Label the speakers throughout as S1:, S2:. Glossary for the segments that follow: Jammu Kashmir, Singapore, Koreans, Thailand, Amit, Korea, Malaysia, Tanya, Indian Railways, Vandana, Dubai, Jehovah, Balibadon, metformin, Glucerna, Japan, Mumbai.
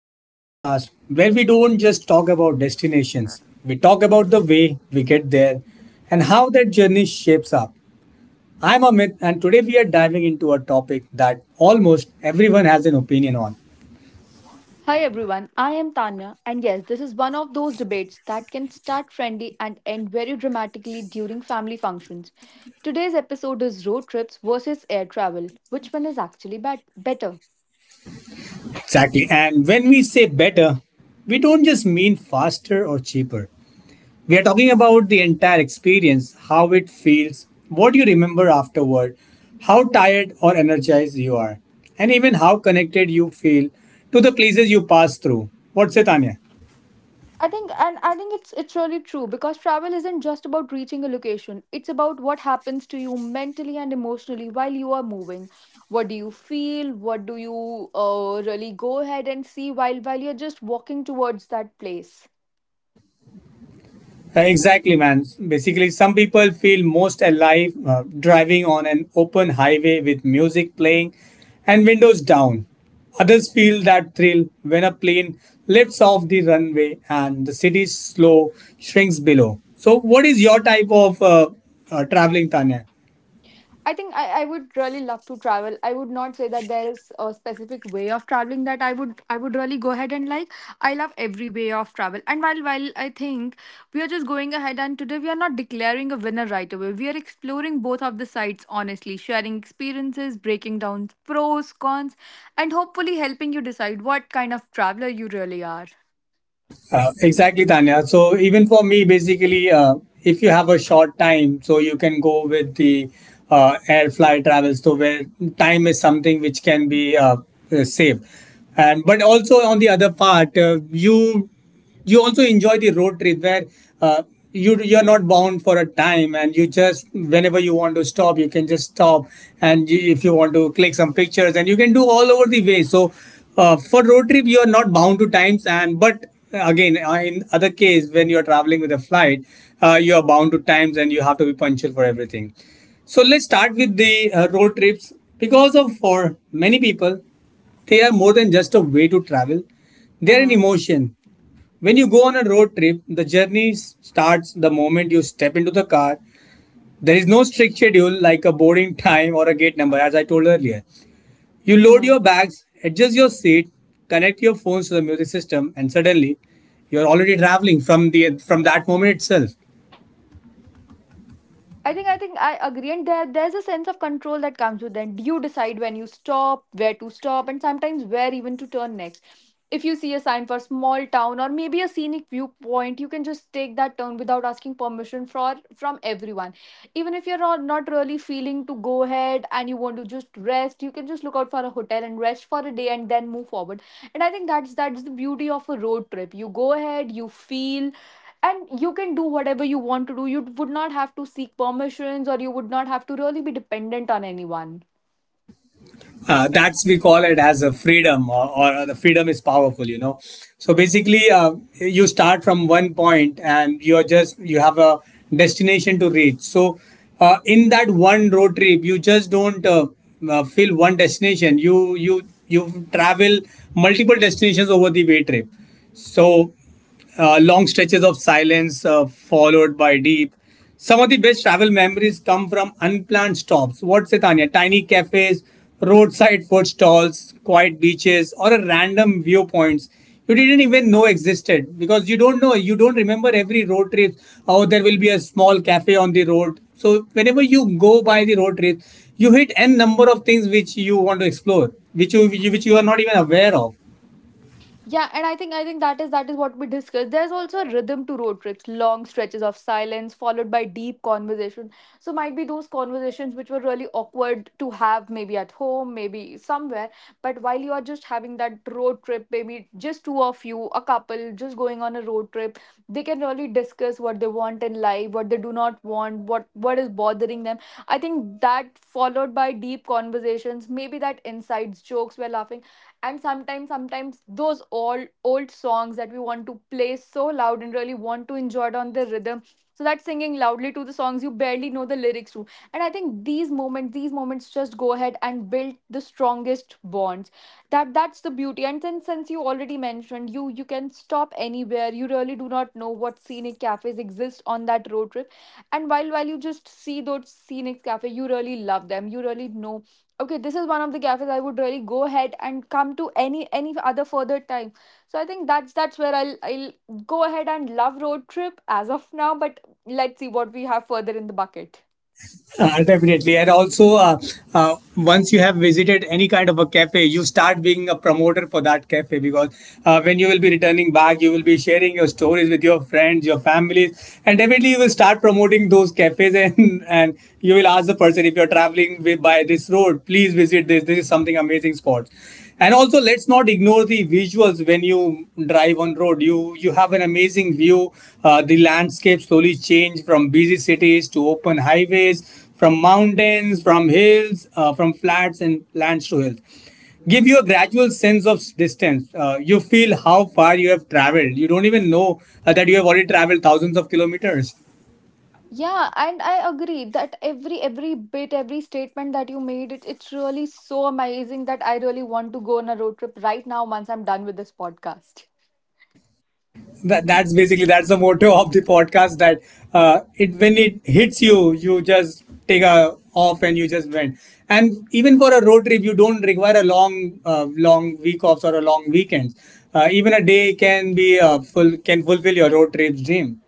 S1: to the podcast where we don't just talk about destinations, we talk about the way we get there and how that journey shapes up. I'm Amit, and today we are diving into a topic that almost everyone has an opinion on.
S2: Hi everyone, I am Tanya, and yes, this is one of those debates that can start friendly and end very dramatically during family functions. Today's episode is road trips versus air travel. Which one is actually better?
S1: Exactly. And when we say better, we don't just mean faster or cheaper. We are talking about the entire experience, how it feels, what you remember afterward, how tired or energized you are, and even how connected you feel to the places you pass through. What's it, Tanya?
S2: I think it's really true because travel isn't just about reaching a location. It's about what happens to you mentally and emotionally while you are moving. What do you feel? What do you really go ahead and see while you're just walking towards that place?
S1: Exactly, man. Basically, some people feel most alive driving on an open highway with music playing and windows down. Others feel that thrill when a plane lifts off the runway and the city's slow shrinks below. So, what is your type of traveling, Tanya?
S2: I would really love to travel. I would not say that there is a specific way of traveling that I would really go ahead and like. I love every way of travel. And while I think we are just going ahead and today we are not declaring a winner right away. We are exploring both of the sides honestly, sharing experiences, breaking down pros, cons, and hopefully helping you decide what kind of traveler you really are.
S1: Exactly, Tanya. So even for me, basically, if you have a short time, so you can go with the air flight travel. So where time is something which can be saved, and but also on the other part, you also enjoy the road trip where uh, you're not bound for a time, and you just whenever you want to stop you can just stop. And you, if you want to click some pictures, and you can do all over the way. So for road trip you are not bound to times, and but again in other case when you are traveling with a flight, you are bound to times and you have to be punctual for everything. So let's start with the road trips, because of for many people they are more than just a way to travel, they're an
S2: Mm-hmm.
S1: emotion. When you go on a road trip, the journey starts the moment you step into the car. There is no strict schedule like a boarding time or a gate number, as I told earlier. You load your bags, adjust your seat, connect your phones to the music system, and suddenly you're already traveling from the from that moment itself.
S2: I think I agree, and there's a sense of control that comes with that. You decide when you stop, where to stop, and sometimes where even to turn next. If you see a sign for small town or maybe a scenic viewpoint, you can just take that turn without asking permission for from everyone. Even if you're not really feeling to go ahead and you want to just rest, you can just look out for a hotel and rest for a day and then move forward. And I think that's the beauty of a road trip. You go ahead, you feel and you can do whatever you want to do. You would not have to seek permissions or you would not have to really be dependent on anyone.
S1: That's we call it as a freedom, or the freedom is powerful. So basically, you start from one point and you're just you have a destination to reach. So in that one road trip you just don't fill one destination, you travel multiple destinations over the way trip. So long stretches of silence followed by deep. Some of the best travel memories come from unplanned stops. What's it, Tanya? Tiny cafes, roadside food stalls, quiet beaches, or a random viewpoints you didn't even know existed, because you don't know, you don't remember every road trip. Oh, there will be a small cafe on the road. So whenever you go by the road trip, you hit n number of things which you want to explore, which you are not even aware of.
S2: Yeah, and I think that is what we discussed. There's also a rhythm to road trips, long stretches of silence followed by deep conversation. So might be those conversations which were really awkward to have maybe at home, maybe somewhere, but while you are just having that road trip, maybe just two of you, a couple just going on a road trip, they can really discuss what they want in life, what they do not want, what is bothering them. I think that followed by deep conversations, maybe that insides jokes we're laughing and sometimes those old songs that we want to play so loud and really want to enjoy it on the rhythm, so that singing loudly to the songs you barely know the lyrics to. And I think these moments just go ahead and build the strongest bonds. That's the beauty. And then since you already mentioned, you can stop anywhere. You really do not know what scenic cafes exist on that road trip. And while you just see those scenic cafe, you really love them. You really know, okay, this is one of the cafes I would really go ahead and come to any other further time. So I think that's where I'll go ahead and love road trip as of now. But let's see what we have further in the bucket.
S1: Definitely. And also, once you have visited any kind of a cafe, you start being a promoter for that cafe, because when you will be returning back, you will be sharing your stories with your friends, your families, and definitely you will start promoting those cafes. And you will ask the person, if you're traveling wi- by this road, please visit this. This is something amazing spot. And also let's not ignore the visuals. When you drive on road, you have an amazing view. The landscape slowly change from busy cities to open highways, from mountains, from hills, from flats and lands to hills, give you a gradual sense of s- distance. You feel how far you have traveled, you don't even know that you have already traveled thousands of kilometers.
S2: Yeah, and I agree that every bit, every statement that you made it, it's really so amazing that I really want to go on a road trip right now once I'm done with this podcast.
S1: That, that's basically that's the motto of the podcast, that it when it hits you, you just take a off and you just went. And even for a road trip you don't require a long long week offs or a long weekend. Even a day can be full can fulfill your road trip's dream.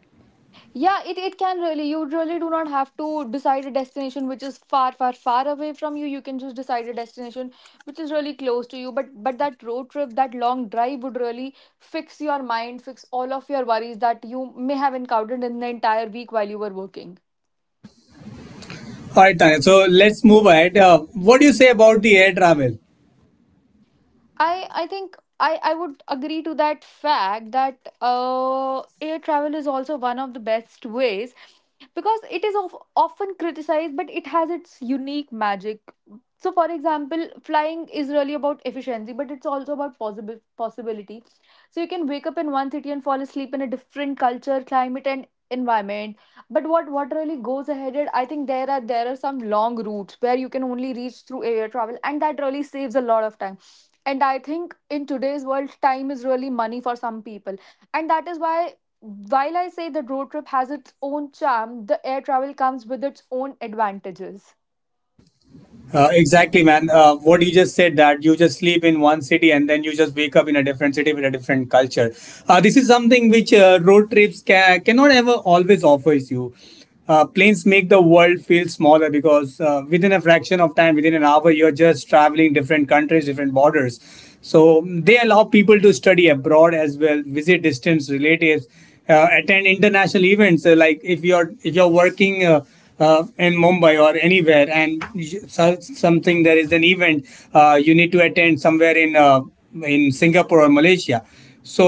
S2: Yeah, it can really. You really do not have to decide a destination which is far, far, far away from you. You can just decide a destination which is really close to you. But that road trip, that long drive would really fix your mind, fix all of your worries that you may have encountered in the entire week while you were working.
S1: All right, Tanya, so let's move ahead. What do you say about the air travel?
S2: I think I would agree to that fact that air travel is also one of the best ways because it is often criticized but it has its unique magic. So for example, flying is really about efficiency but it's also about possible possibility. So you can wake up in one city and fall asleep in a different culture, climate and environment. But what really goes ahead is, I think there are some long routes where you can only reach through air travel and that really saves a lot of time. And I think in today's world time is really money for some people, and that is why while I say the road trip has its own charm, the air travel comes with its own advantages.
S1: Exactly, man. What you just said, that you just sleep in one city and then you just wake up in a different city with a different culture. This is something which road trips ca- cannot ever always offers you. Planes make the world feel smaller, because within a fraction of time, within an hour, you're just traveling different countries, different borders. So they allow people to study abroad as well, visit distant relatives, attend international events. Like if you're working. In Mumbai or anywhere, and so- something there is an event, you need to attend somewhere in Singapore or Malaysia. So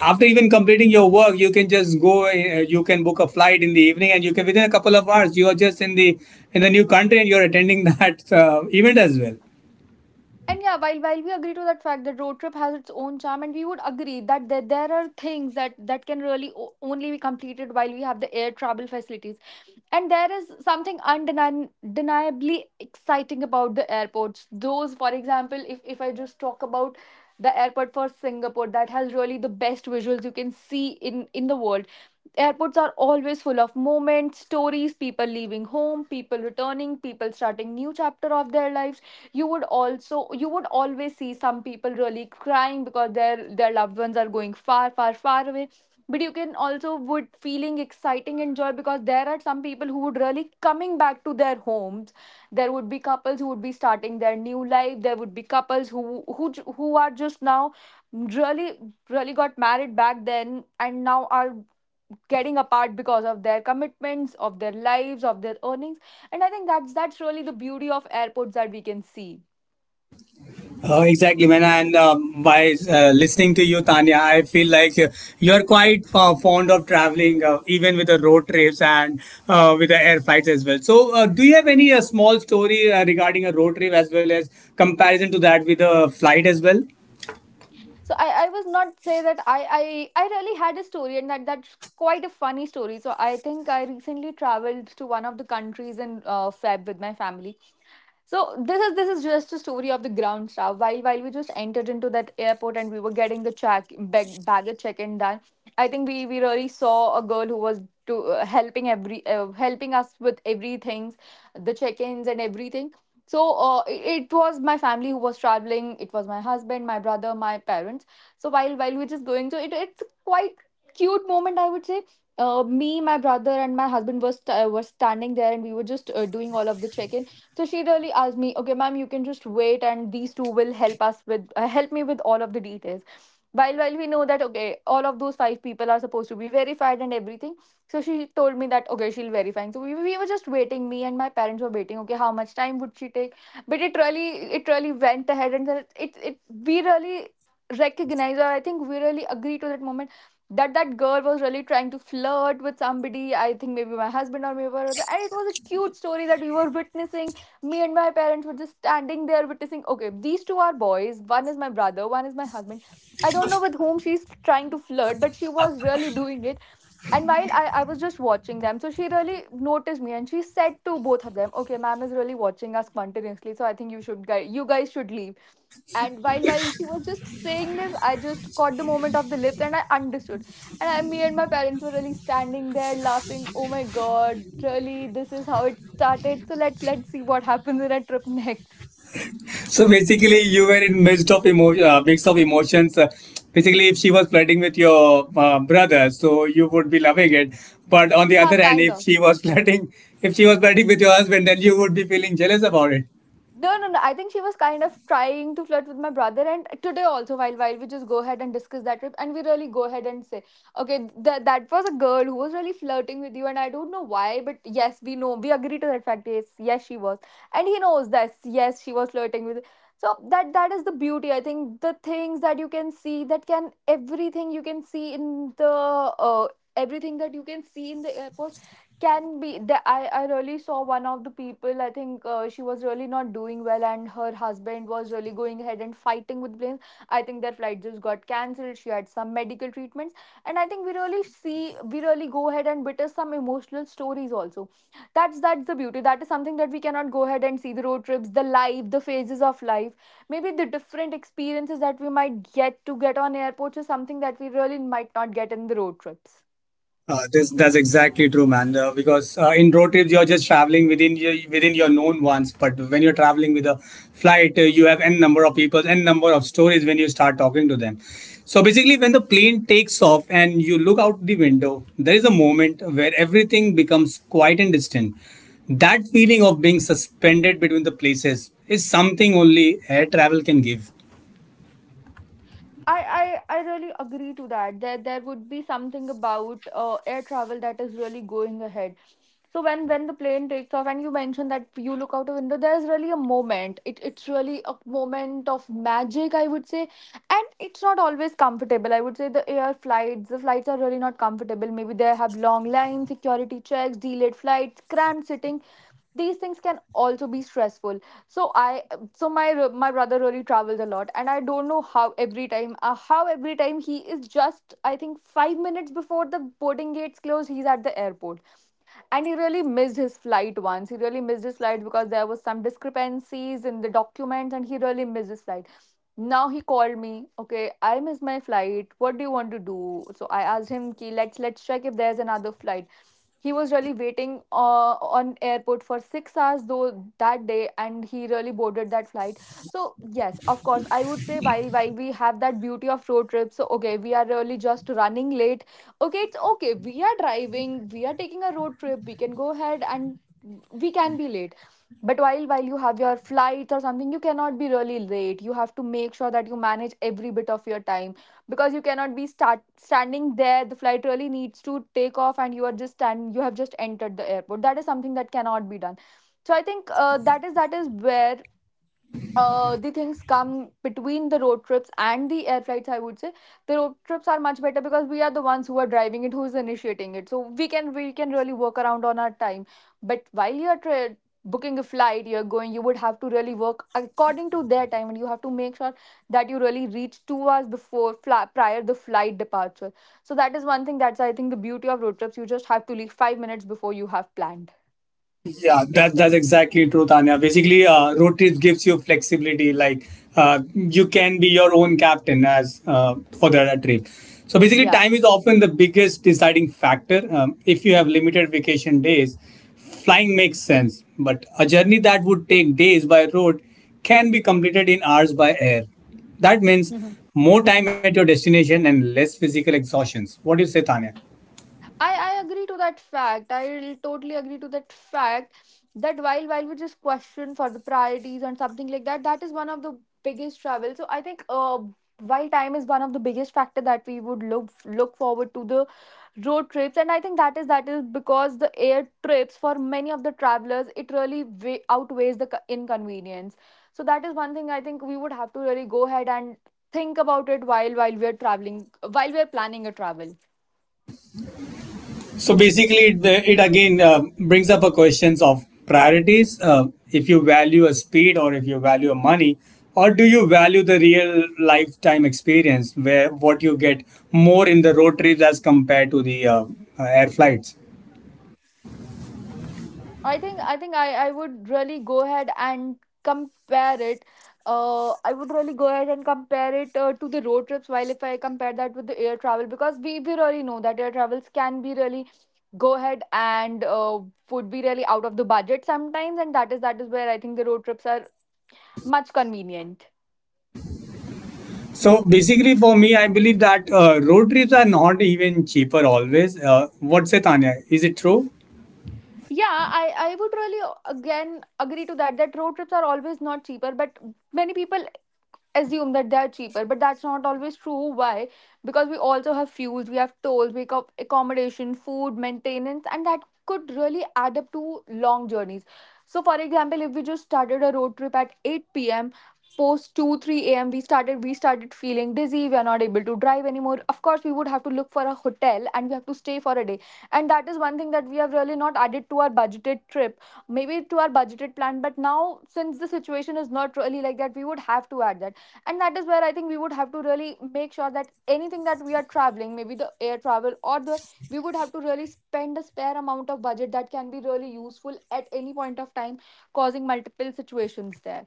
S1: after even completing your work, you can just go. You can book a flight in the evening, and you can within a couple of hours you are just in the new country and you are attending that event as well.
S2: And yeah, while we agree to that fact that road trip has its own charm, and we would agree that there are things that that can really only be completed while we have the air travel facilities, and there is something undeniably exciting about the airports. Those, for example, if I just talk about the airport for Singapore, that has really the best visuals you can see in the world. Airports are always full of moments, stories, people leaving home, people returning, people starting new chapter of their lives. You would also, you would always see some people really crying because their loved ones are going far, far, far away. But you can also would feeling exciting and joy because there are some people who would really coming back to their homes. There would be couples who would be starting their new life. There would be couples who are just now really got married back then and now are getting apart because of their commitments of their lives, of their earnings. And I think that's really the beauty of airports that we can see.
S1: Oh, exactly, man. And by listening to you, Tanya, I feel like you're quite fond of traveling, even with the road trips and with the air flights as well. So, do you have any small story regarding a road trip as well as comparison to that with a flight as well?
S2: So I was not say that I really had a story, and that's quite a funny story. So I think I recently traveled to one of the countries in Feb with my family. So this is just a story of the ground staff. While we just entered into that airport and we were getting the check bag, baggage check-in done, I think we really saw a girl who was to helping us with everything, the check-ins and everything. So it was my family who was traveling. It was my husband, my brother, my parents. So while we're just going, so it's quite cute moment I would say. Me, my brother, and my husband were standing there, and we were just doing all of the check-in. So she really asked me, okay, ma'am, you can just wait, and these two will help us with help me with all of the details. While we know that okay, all of those five people are supposed to be verified and everything. So she told me that okay, she'll verify. So we were just waiting. Me and my parents were waiting. Okay, how much time would she take? But it really, it really went ahead, and then it we really recognize, or I think we really agree to that moment that that girl was really trying to flirt with somebody. I think maybe my husband or maybe my brother, and it was a cute story that we were witnessing. Me and my parents were just standing there witnessing, okay, these two are boys, one is my brother, one is my husband. I don't know with whom she's trying to flirt but she was really doing it. And while I was just watching them, so she really noticed me and she said to both of them, okay, ma'am is really watching us continuously, so I think you guys should leave. And while she was just saying this, I just caught the moment of the lips and I understood. And me and my parents were really standing there laughing, oh my god, really, this is how it started. So let's see what happens in a trip next.
S1: So basically, you were in midst of emotion, mix of emotions. Basically, if she was flirting with your brother, so you would be loving it. But on the
S2: Ha,
S1: other hand,
S2: kind
S1: if
S2: of.
S1: she was flirting, if she was flirting with your husband, then you would be feeling jealous about it.
S2: No, no, no. I think she was kind of trying to flirt with my brother. And today also, while we just go ahead and discuss that trip, and we really go ahead and say, okay, that was a girl who was really flirting with you, and I don't know why, but yes, we know, we agree to that fact. Yes, yes, she was, and he knows that. Yes, she was flirting with. So that is the beauty. I think the things that you can see, that can everything you can see in the everything that you can see in the airport can be I really saw one of the people. I think She was really not doing well and her husband was really going ahead and fighting with planes. I think their flight just got cancelled. She had some medical treatments, and I think we really go ahead and witness some emotional stories also. That's the beauty. That is something that we cannot go ahead and see. The road trips, the life, the phases of life, maybe the different experiences that we might get to get on airports is something that we really might not get in the road trips.
S1: This that's exactly true, man. Because in road trips you're just traveling within your known ones, but when you're traveling with a flight, you have n number of people, n number of stories when you start talking to them. So basically, when the plane takes off and you look out the window, there is a moment where everything becomes quiet and distant. That feeling of being suspended between the places is something only air travel can give.
S2: I really agree to that. There would be something about air travel that is really going ahead. So when the plane takes off and you mentioned that you look out a window, there's really a moment. It's really a moment of magic, I would say. And it's not always comfortable. I would say the air flights, the flights are really not comfortable. Maybe they have long lines, security checks, delayed flights, cramped sitting. These things can also be stressful. So I so my brother really travels a lot, and I don't know how every time he is just, I think, 5 minutes before the boarding gates close, he's at the airport. And he really missed his flight once. He really missed his flight because there was some discrepancies in the documents, and he really missed his flight. Now he called me, okay, I missed my flight, what do you want to do? So I asked him ki, let's check if there's another flight. He was really waiting on airport for 6 hours though that day, and he really boarded that flight. So yes, of course, I would say, while we have that beauty of road trip, so okay, we are really just running late. Okay, it's okay, we are driving, we are taking a road trip, we can go ahead and we can be late. But while you have your flights or something, you cannot be really late. You have to make sure that you manage every bit of your time, because you cannot be start standing there. The flight really needs to take off and you are just stand, you have just entered the airport. That is something that cannot be done. So I think that is where the things come between the road trips and the air flights, I would say. The road trips are much better because we are the ones who are driving it, who is initiating it. So we can really work around on our time. But while you are tra- booking a flight, you're going, you would have to really work according to their time, and you have to make sure that you really reach 2 hours before fly, prior the flight departure. So that is one thing that's, I think, the beauty of road trips. You just have to leave 5 minutes before you have planned.
S1: Yeah, that that's exactly true, Tanya. Basically, road trips gives you flexibility. Like you can be your own captain as for the trip. So basically,
S2: Yeah.
S1: time is often the biggest deciding factor. If you have limited vacation days, flying makes sense. But a journey that would take days by road can be completed in hours by air. That means more time at your destination and less physical exhaustions. What do you say, Tanya?
S2: I agree to that fact. I'll totally agree to that fact that while we just question for the priorities and something like that, that is one of the biggest travel. So I think while time is one of the biggest factor that we would look forward to, the road trips, and I think that is because the air trips, for many of the travelers, it really way outweighs the co- inconvenience. So that is one thing I think we would have to really go ahead and think about it while we are traveling, while we are planning a travel.
S1: So basically, it again brings up a questions of priorities. If you value a speed or if you value a money, or do you value the real lifetime experience where what you get more in the road trips as compared to the air flights?
S2: I would really go ahead and compare it. I would really go ahead and compare it to the road trips. While if I compare that with the air travel, because we really know that air travels can be really go ahead and would be really out of the budget sometimes, and that is where I think the road trips are much convenient.
S1: So basically, for me, I believe that road trips are not even cheaper always. What say, Tanya? Is it true?
S2: Yeah, I would really again agree to that, that road trips are always not cheaper, but many people assume that they are cheaper, but that's not always true. Why? Because we also have fuels, we have tolls, we have accommodation, food, maintenance, and that could really add up to long journeys. So for example, if we just started a road trip at 8 p.m., post 2 3 a.m, we started feeling dizzy, we are not able to drive anymore. Of course, we would have to look for a hotel and we have to stay for a day, and that is one thing that we have really not added to our budgeted trip, maybe to our budgeted plan. But now, since the situation is not really like that, we would have to add that. And that is where I think we would have to really make sure that anything that we are traveling, maybe the air travel or the, we would have to really spend a spare amount of budget that can be really useful at any point of time, causing multiple situations there.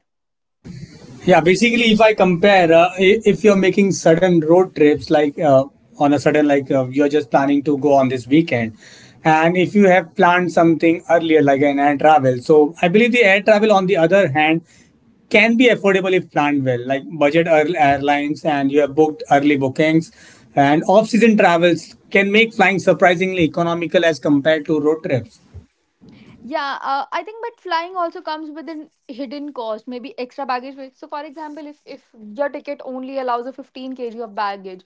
S1: Yeah, basically, if I compare, I- if you're making sudden road trips, like on a sudden, like you're just planning to go on this weekend, and if you have planned something earlier, like an air travel, so I believe the air travel, on the other hand, can be affordable if planned well, like budget air- airlines, and you have booked early bookings, and off-season travels can make flying surprisingly economical as compared to road trips.
S2: Yeah, I think, but flying also comes with an hidden cost, maybe extra baggage. Weight. So for example, if your ticket only allows a 15 kg of baggage,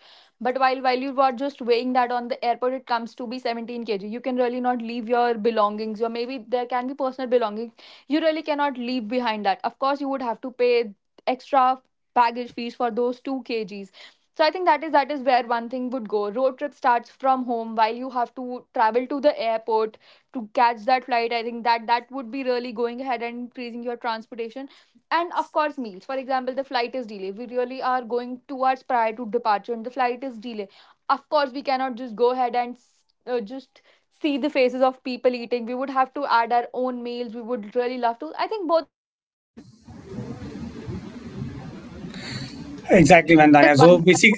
S2: but while you were just weighing that on the airport, it comes to be 17 kg. You can really not leave your belongings, or maybe there can be personal belongings. You really cannot leave behind that. Of course, you would have to pay extra baggage fees for those 2 kgs. So I think that is where one thing would go. Road trip starts from home. While you have to travel to the airport to catch that flight, I think that that would be really going ahead and increasing your transportation and of course meals. For example, the flight is delayed, we really are going 2 hours prior to departure, and the flight is delayed. Of course, we cannot just go ahead and just see the faces of people eating. We would have to add our own meals. We would really love to, I think, both.
S1: Exactly, Vandana. So,
S3: One.
S1: basic.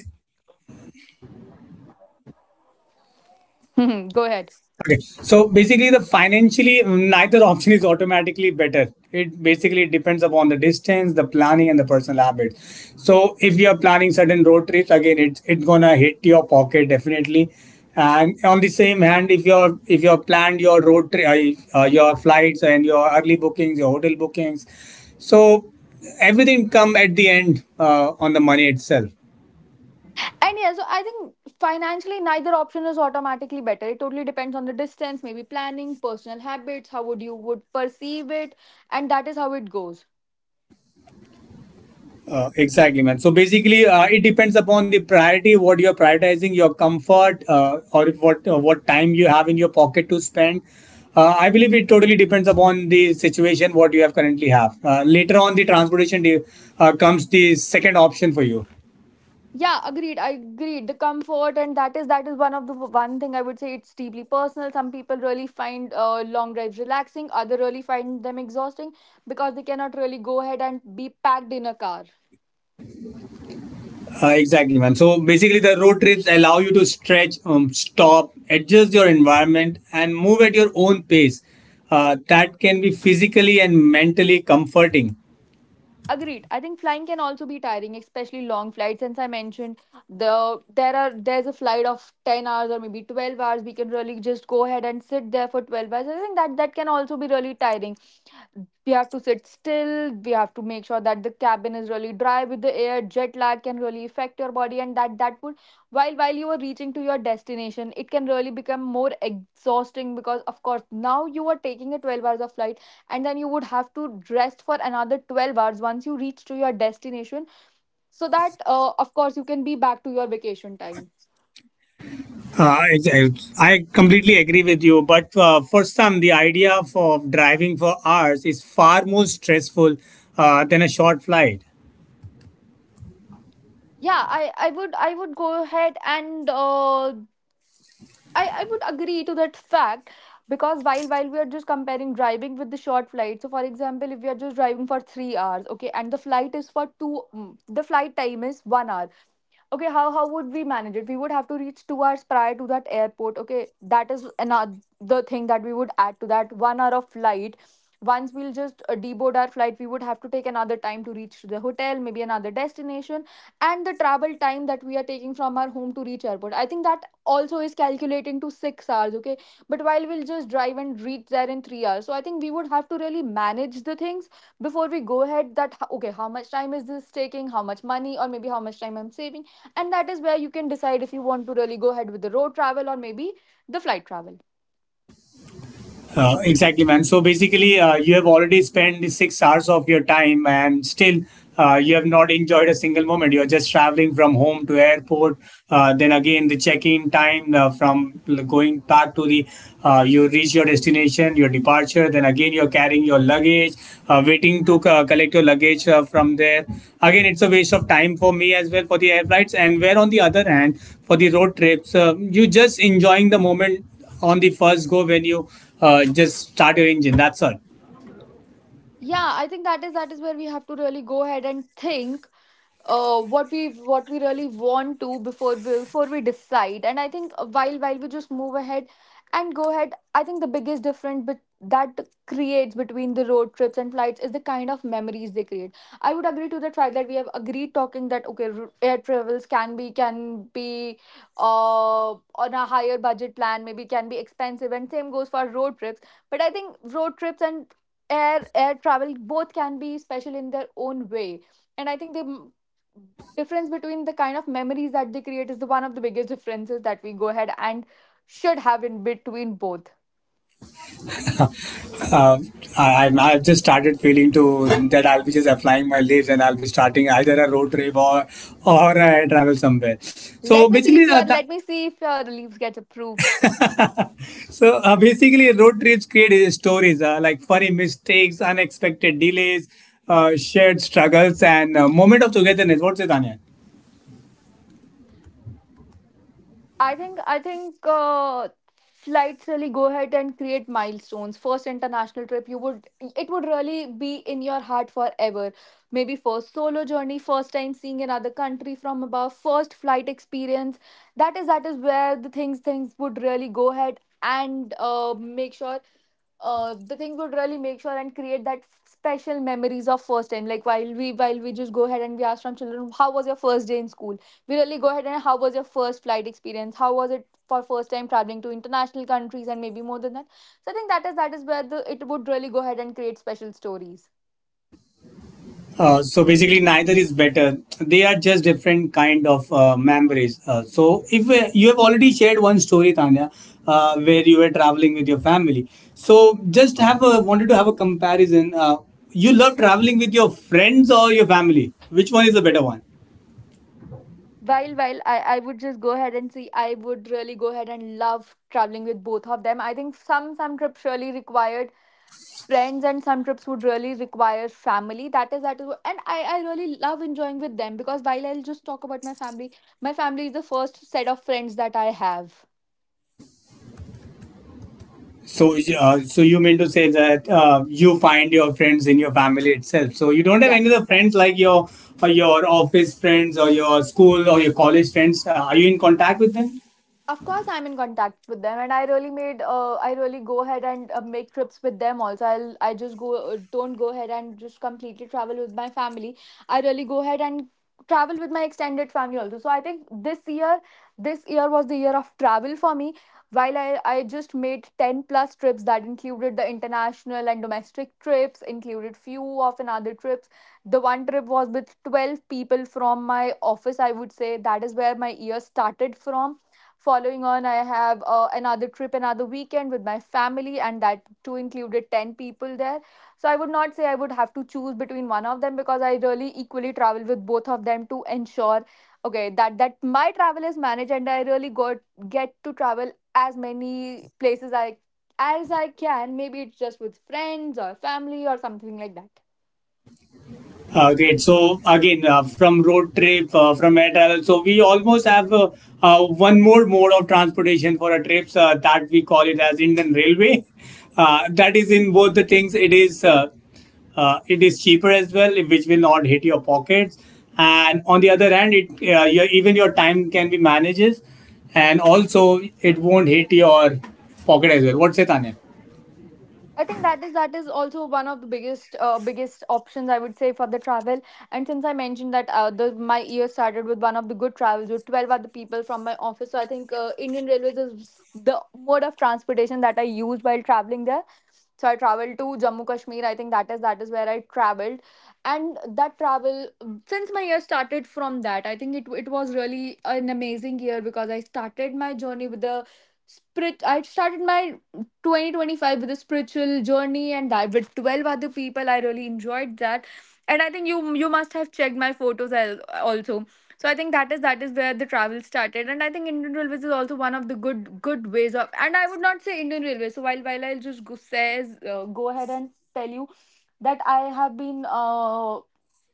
S3: Mhm, go ahead.
S1: Okay. So basically, the financially, neither option is automatically better. It basically depends upon the distance, the planning, and the personal habit. So if you are planning certain road trips, again, it's gonna hit your pocket definitely. And on the same hand, if you're planned your road trip, your flights and your early bookings, your hotel bookings, so everything come at the end on the money itself.
S3: And yeah, so I think financially neither option is automatically better. It totally depends on the distance, maybe planning, personal habits, how would you would perceive it. And that is how it goes.
S1: Exactly, man. So basically, it depends upon the priority, what you're prioritizing, your comfort, or if what what time you have in your pocket to spend. I believe it totally depends upon the situation, what you have currently have. Later on, the transportation de- comes the second option for you.
S3: Yeah, agreed, I agreed, the comfort, and that is one of the one thing I would say. It's deeply personal. Some people really find long drives relaxing, other really find them exhausting because they cannot really go ahead and be packed in a car.
S1: Exactly, man. So basically, the road trips allow you to stretch, stop, adjust your environment, and move at your own pace. That can be physically and mentally comforting.
S3: Agreed. I think flying can also be tiring, especially long flights. Since I mentioned there's a flight of 10 hours or maybe 12 hours. We can really just go ahead and sit there for 12 hours. I think that can also be really tiring. We have to sit still. We have to make sure that the cabin is really dry with the air. Jet lag can really affect your body, and that would, while you are reaching to your destination, it can really become more exhausting because of course now you are taking a 12 hours of flight, and then you would have to rest for another 12 hours once you reach to your destination. So that of course you can be back to your vacation time.
S1: I completely agree with you, but for some, the idea of driving for hours is far more stressful than a short flight.
S3: Yeah, I would go ahead and I would agree to that fact because while we are just comparing driving with the short flight, so for example if we are just driving for 3 hours, okay, and the flight is for 2, the flight time is 1 hour, okay. How would we manage it? We would have to reach 2 hours prior to that airport, okay. That is another the thing that we would add to that 1 hour of flight. Once we'll just deboard our flight, we would have to take another time to reach to the hotel, maybe another destination. And the travel time that we are taking from our home to reach airport, I think that also is calculating to 6 hours, okay. But while we'll just drive and reach there in 3 hours, so I think we would have to really manage the things before we go ahead that, okay, how much time is this taking, how much money, or maybe how much time I'm saving. And that is where you can decide if you want to really go ahead with the road travel or maybe the flight travel.
S1: Exactly, man. So basically, you have already spent 6 hours of your time, and still you have not enjoyed a single moment. You're just traveling from home to airport, then again the check-in time going back to the you reach your destination, your departure. Then again you're carrying your luggage, waiting to collect your luggage from there. Again, it's a waste of time for me as well for the air flights. And where on the other hand, for the road trips, you just enjoying the moment on the first go when you just start your engine. That's all.
S3: Yeah, I think that is where we have to really go ahead and think what we really want to before we decide. And I think while we just move ahead and go ahead, I think the biggest difference that creates between the road trips and flights is the kind of memories they create. I would agree to the fact that we have agreed talking that okay, air travels can be uh, on a higher budget plan, maybe can be expensive, and same goes for road trips. But I think road trips and air travel both can be special in their own way. And I think they difference between the kind of memories that they create is the one of the biggest differences that we go ahead and should have in between both.
S1: Uh, I've just started feeling to that I'll be just applying my leaves and I'll be starting either a road trip or I travel somewhere. So
S3: let me see
S1: basically,
S3: if your let me see if your leaves gets approved.
S1: so basically road trips create stories like funny mistakes, unexpected delays, shared struggles, and moment of togetherness. What's it, Tanya?
S3: I think flights really go ahead and create milestones. First international trip, you would it would really be in your heart forever. Maybe first solo journey, first time seeing another country from above, first flight experience. That is where the things would really go ahead and make sure, the thing would really make sure and create that special memories of first time. Like while we just go ahead and we ask from children how was your first day in school. We really go ahead and how was your first flight experience, how was it for first time traveling to international countries and maybe more than that. So I think that is where the it would really go ahead and create special stories.
S1: So basically, neither is better. They are just different kind of memories. So if you have already shared one story, Tanya, where you were traveling with your family, so just have a wanted to have a comparison. You love traveling with your friends or your family? Which one is the better one?
S3: While I would just go ahead and see, I would really go ahead and love traveling with both of them. I think some trips really required friends and some trips would really require family. That is and I really love enjoying with them because while I'll just talk about my family, my family is the first set of friends that I have.
S1: So, so you mean to say that you find your friends in your family itself? So you don't have
S3: Yes.
S1: any other friends like your office friends or your school or your college friends? Are you in contact with them?
S3: Of course, I'm in contact with them, and I really go ahead and make trips with them. Also, I just go don't go ahead and just completely travel with my family. I really go ahead and travel with my extended family also. So I think this year was the year of travel for me. While I just made ten plus trips that included the international and domestic trips, included few of another trips. The one trip was with 12 people from my office. I would say that is where my year started from. Following on, I have another trip, another weekend with my family, and that too included 10 people there. So I would not say I would have to choose between one of them because I really equally travel with both of them to ensure, okay, that my travel is managed and I really got get to travel as many places I as I can. Maybe it's just with friends or family or something like that.
S1: Great. So again, from road trip, from air travel, so we almost have one more mode of transportation for our trips that we call it as Indian Railway. That is in both the things. It is cheaper as well, which will not hit your pockets. And on the other hand, it your, even your time can be manages, and also it won't hit your pocket as well. What's it, Tanya?
S3: I think that is also one of the biggest biggest options I would say for the travel. And since I mentioned that the my year started with one of the good travels with 12 other people from my office, so I think Indian Railways is the mode of transportation that I used while traveling there. So I traveled to Jammu Kashmir. I think that is where I traveled, and that travel, since my year started from that, I think it was really an amazing year because I started my journey with the spirit I started my 2025 with a spiritual journey. And I, with 12 other people, I really enjoyed that. And I think you must have checked my photos, also. So I think that is where the travel started. And I think Indian Railways is also one of the good ways of, and I would not say Indian Railways, so while I'll just go ahead and tell you that I have been,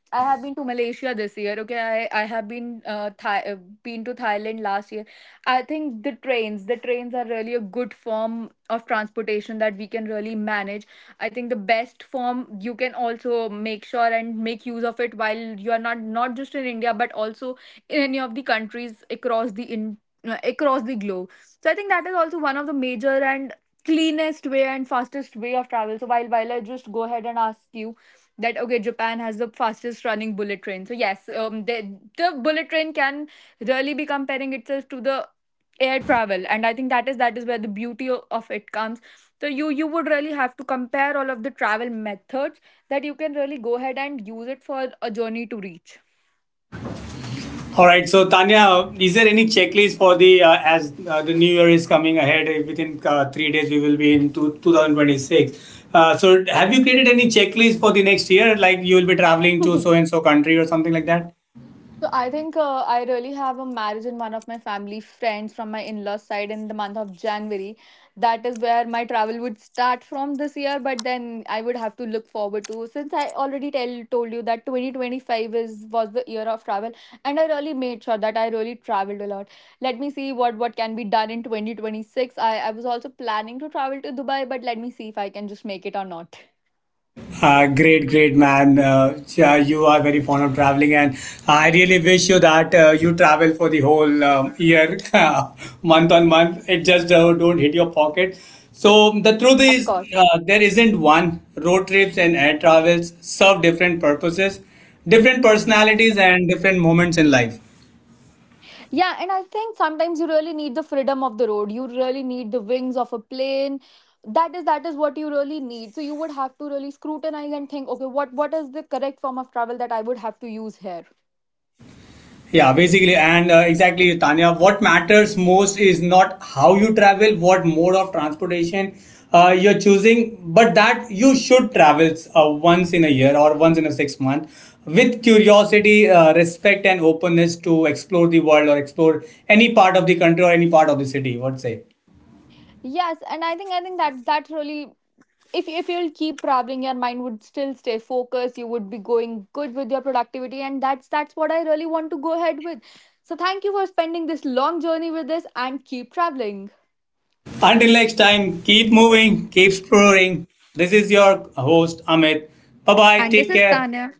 S3: I have been to Malaysia this year. Okay, I have been, been to Thailand last year. I think the trains are really a good form of transportation that we can really manage. I think the best form you can also make sure and make use of it while you are not just in India but also in any of the countries across the globe. So I think that is also one of the major and cleanest way and fastest way of travel. So while I just go ahead and ask you that okay, Japan has the fastest running bullet train. So yes, the bullet train can really be comparing itself to the air travel. And I think that is where the beauty of it comes. So you would really have to compare all of the travel methods that you can really go ahead and use it for a journey to reach.
S1: All right, so Tanya, is there any checklist for the as the new year is coming ahead? Within 3 days, we will be in 2026. So, have you created any checklist for the next year? Like you will be traveling to so and so country or something like that?
S3: So I think I really have a marriage in one of my family friends from my in-laws side in the month of January. That is where my travel would start from this year, but then I would have to look forward to, since I already tell told you that 2025 is was the year of travel, and I really made sure that I really traveled a lot. Let me see what can be done in 2026. I was also planning to travel to Dubai, but let me see if I can just make it or not.
S1: Great, great man. Yeah, you are very fond of traveling, and I really wish you that you travel for the whole year, month on month. It just don't hit your pocket. So the truth
S3: Of
S1: is,
S3: course.
S1: there isn't one. Road trips and air travels serve different purposes, different personalities, and different moments in life.
S3: Yeah, and I think sometimes you really need the freedom of the road. You really need the wings of a plane. That is what you really need. So you would have to really scrutinize and think, okay, what is the correct form of travel that I would have to use here?
S1: Yeah, basically, and exactly, Tanya. What matters most is not how you travel, what mode of transportation you're choosing, but that you should travel once in a year or once in a six-month with curiosity, respect, and openness to explore the world or explore any part of the country or any part of the city. What say?
S3: Yes, and I think that really, if you'll keep traveling, your mind would still stay focused. You would be going good with your productivity, and that's what I really want to go ahead with. So thank you for spending this long journey with us and keep traveling.
S1: Until next time, keep moving, keep exploring. This is your host, Amit. Bye bye.
S3: And this
S1: Take
S3: is
S1: care.
S3: Tanya.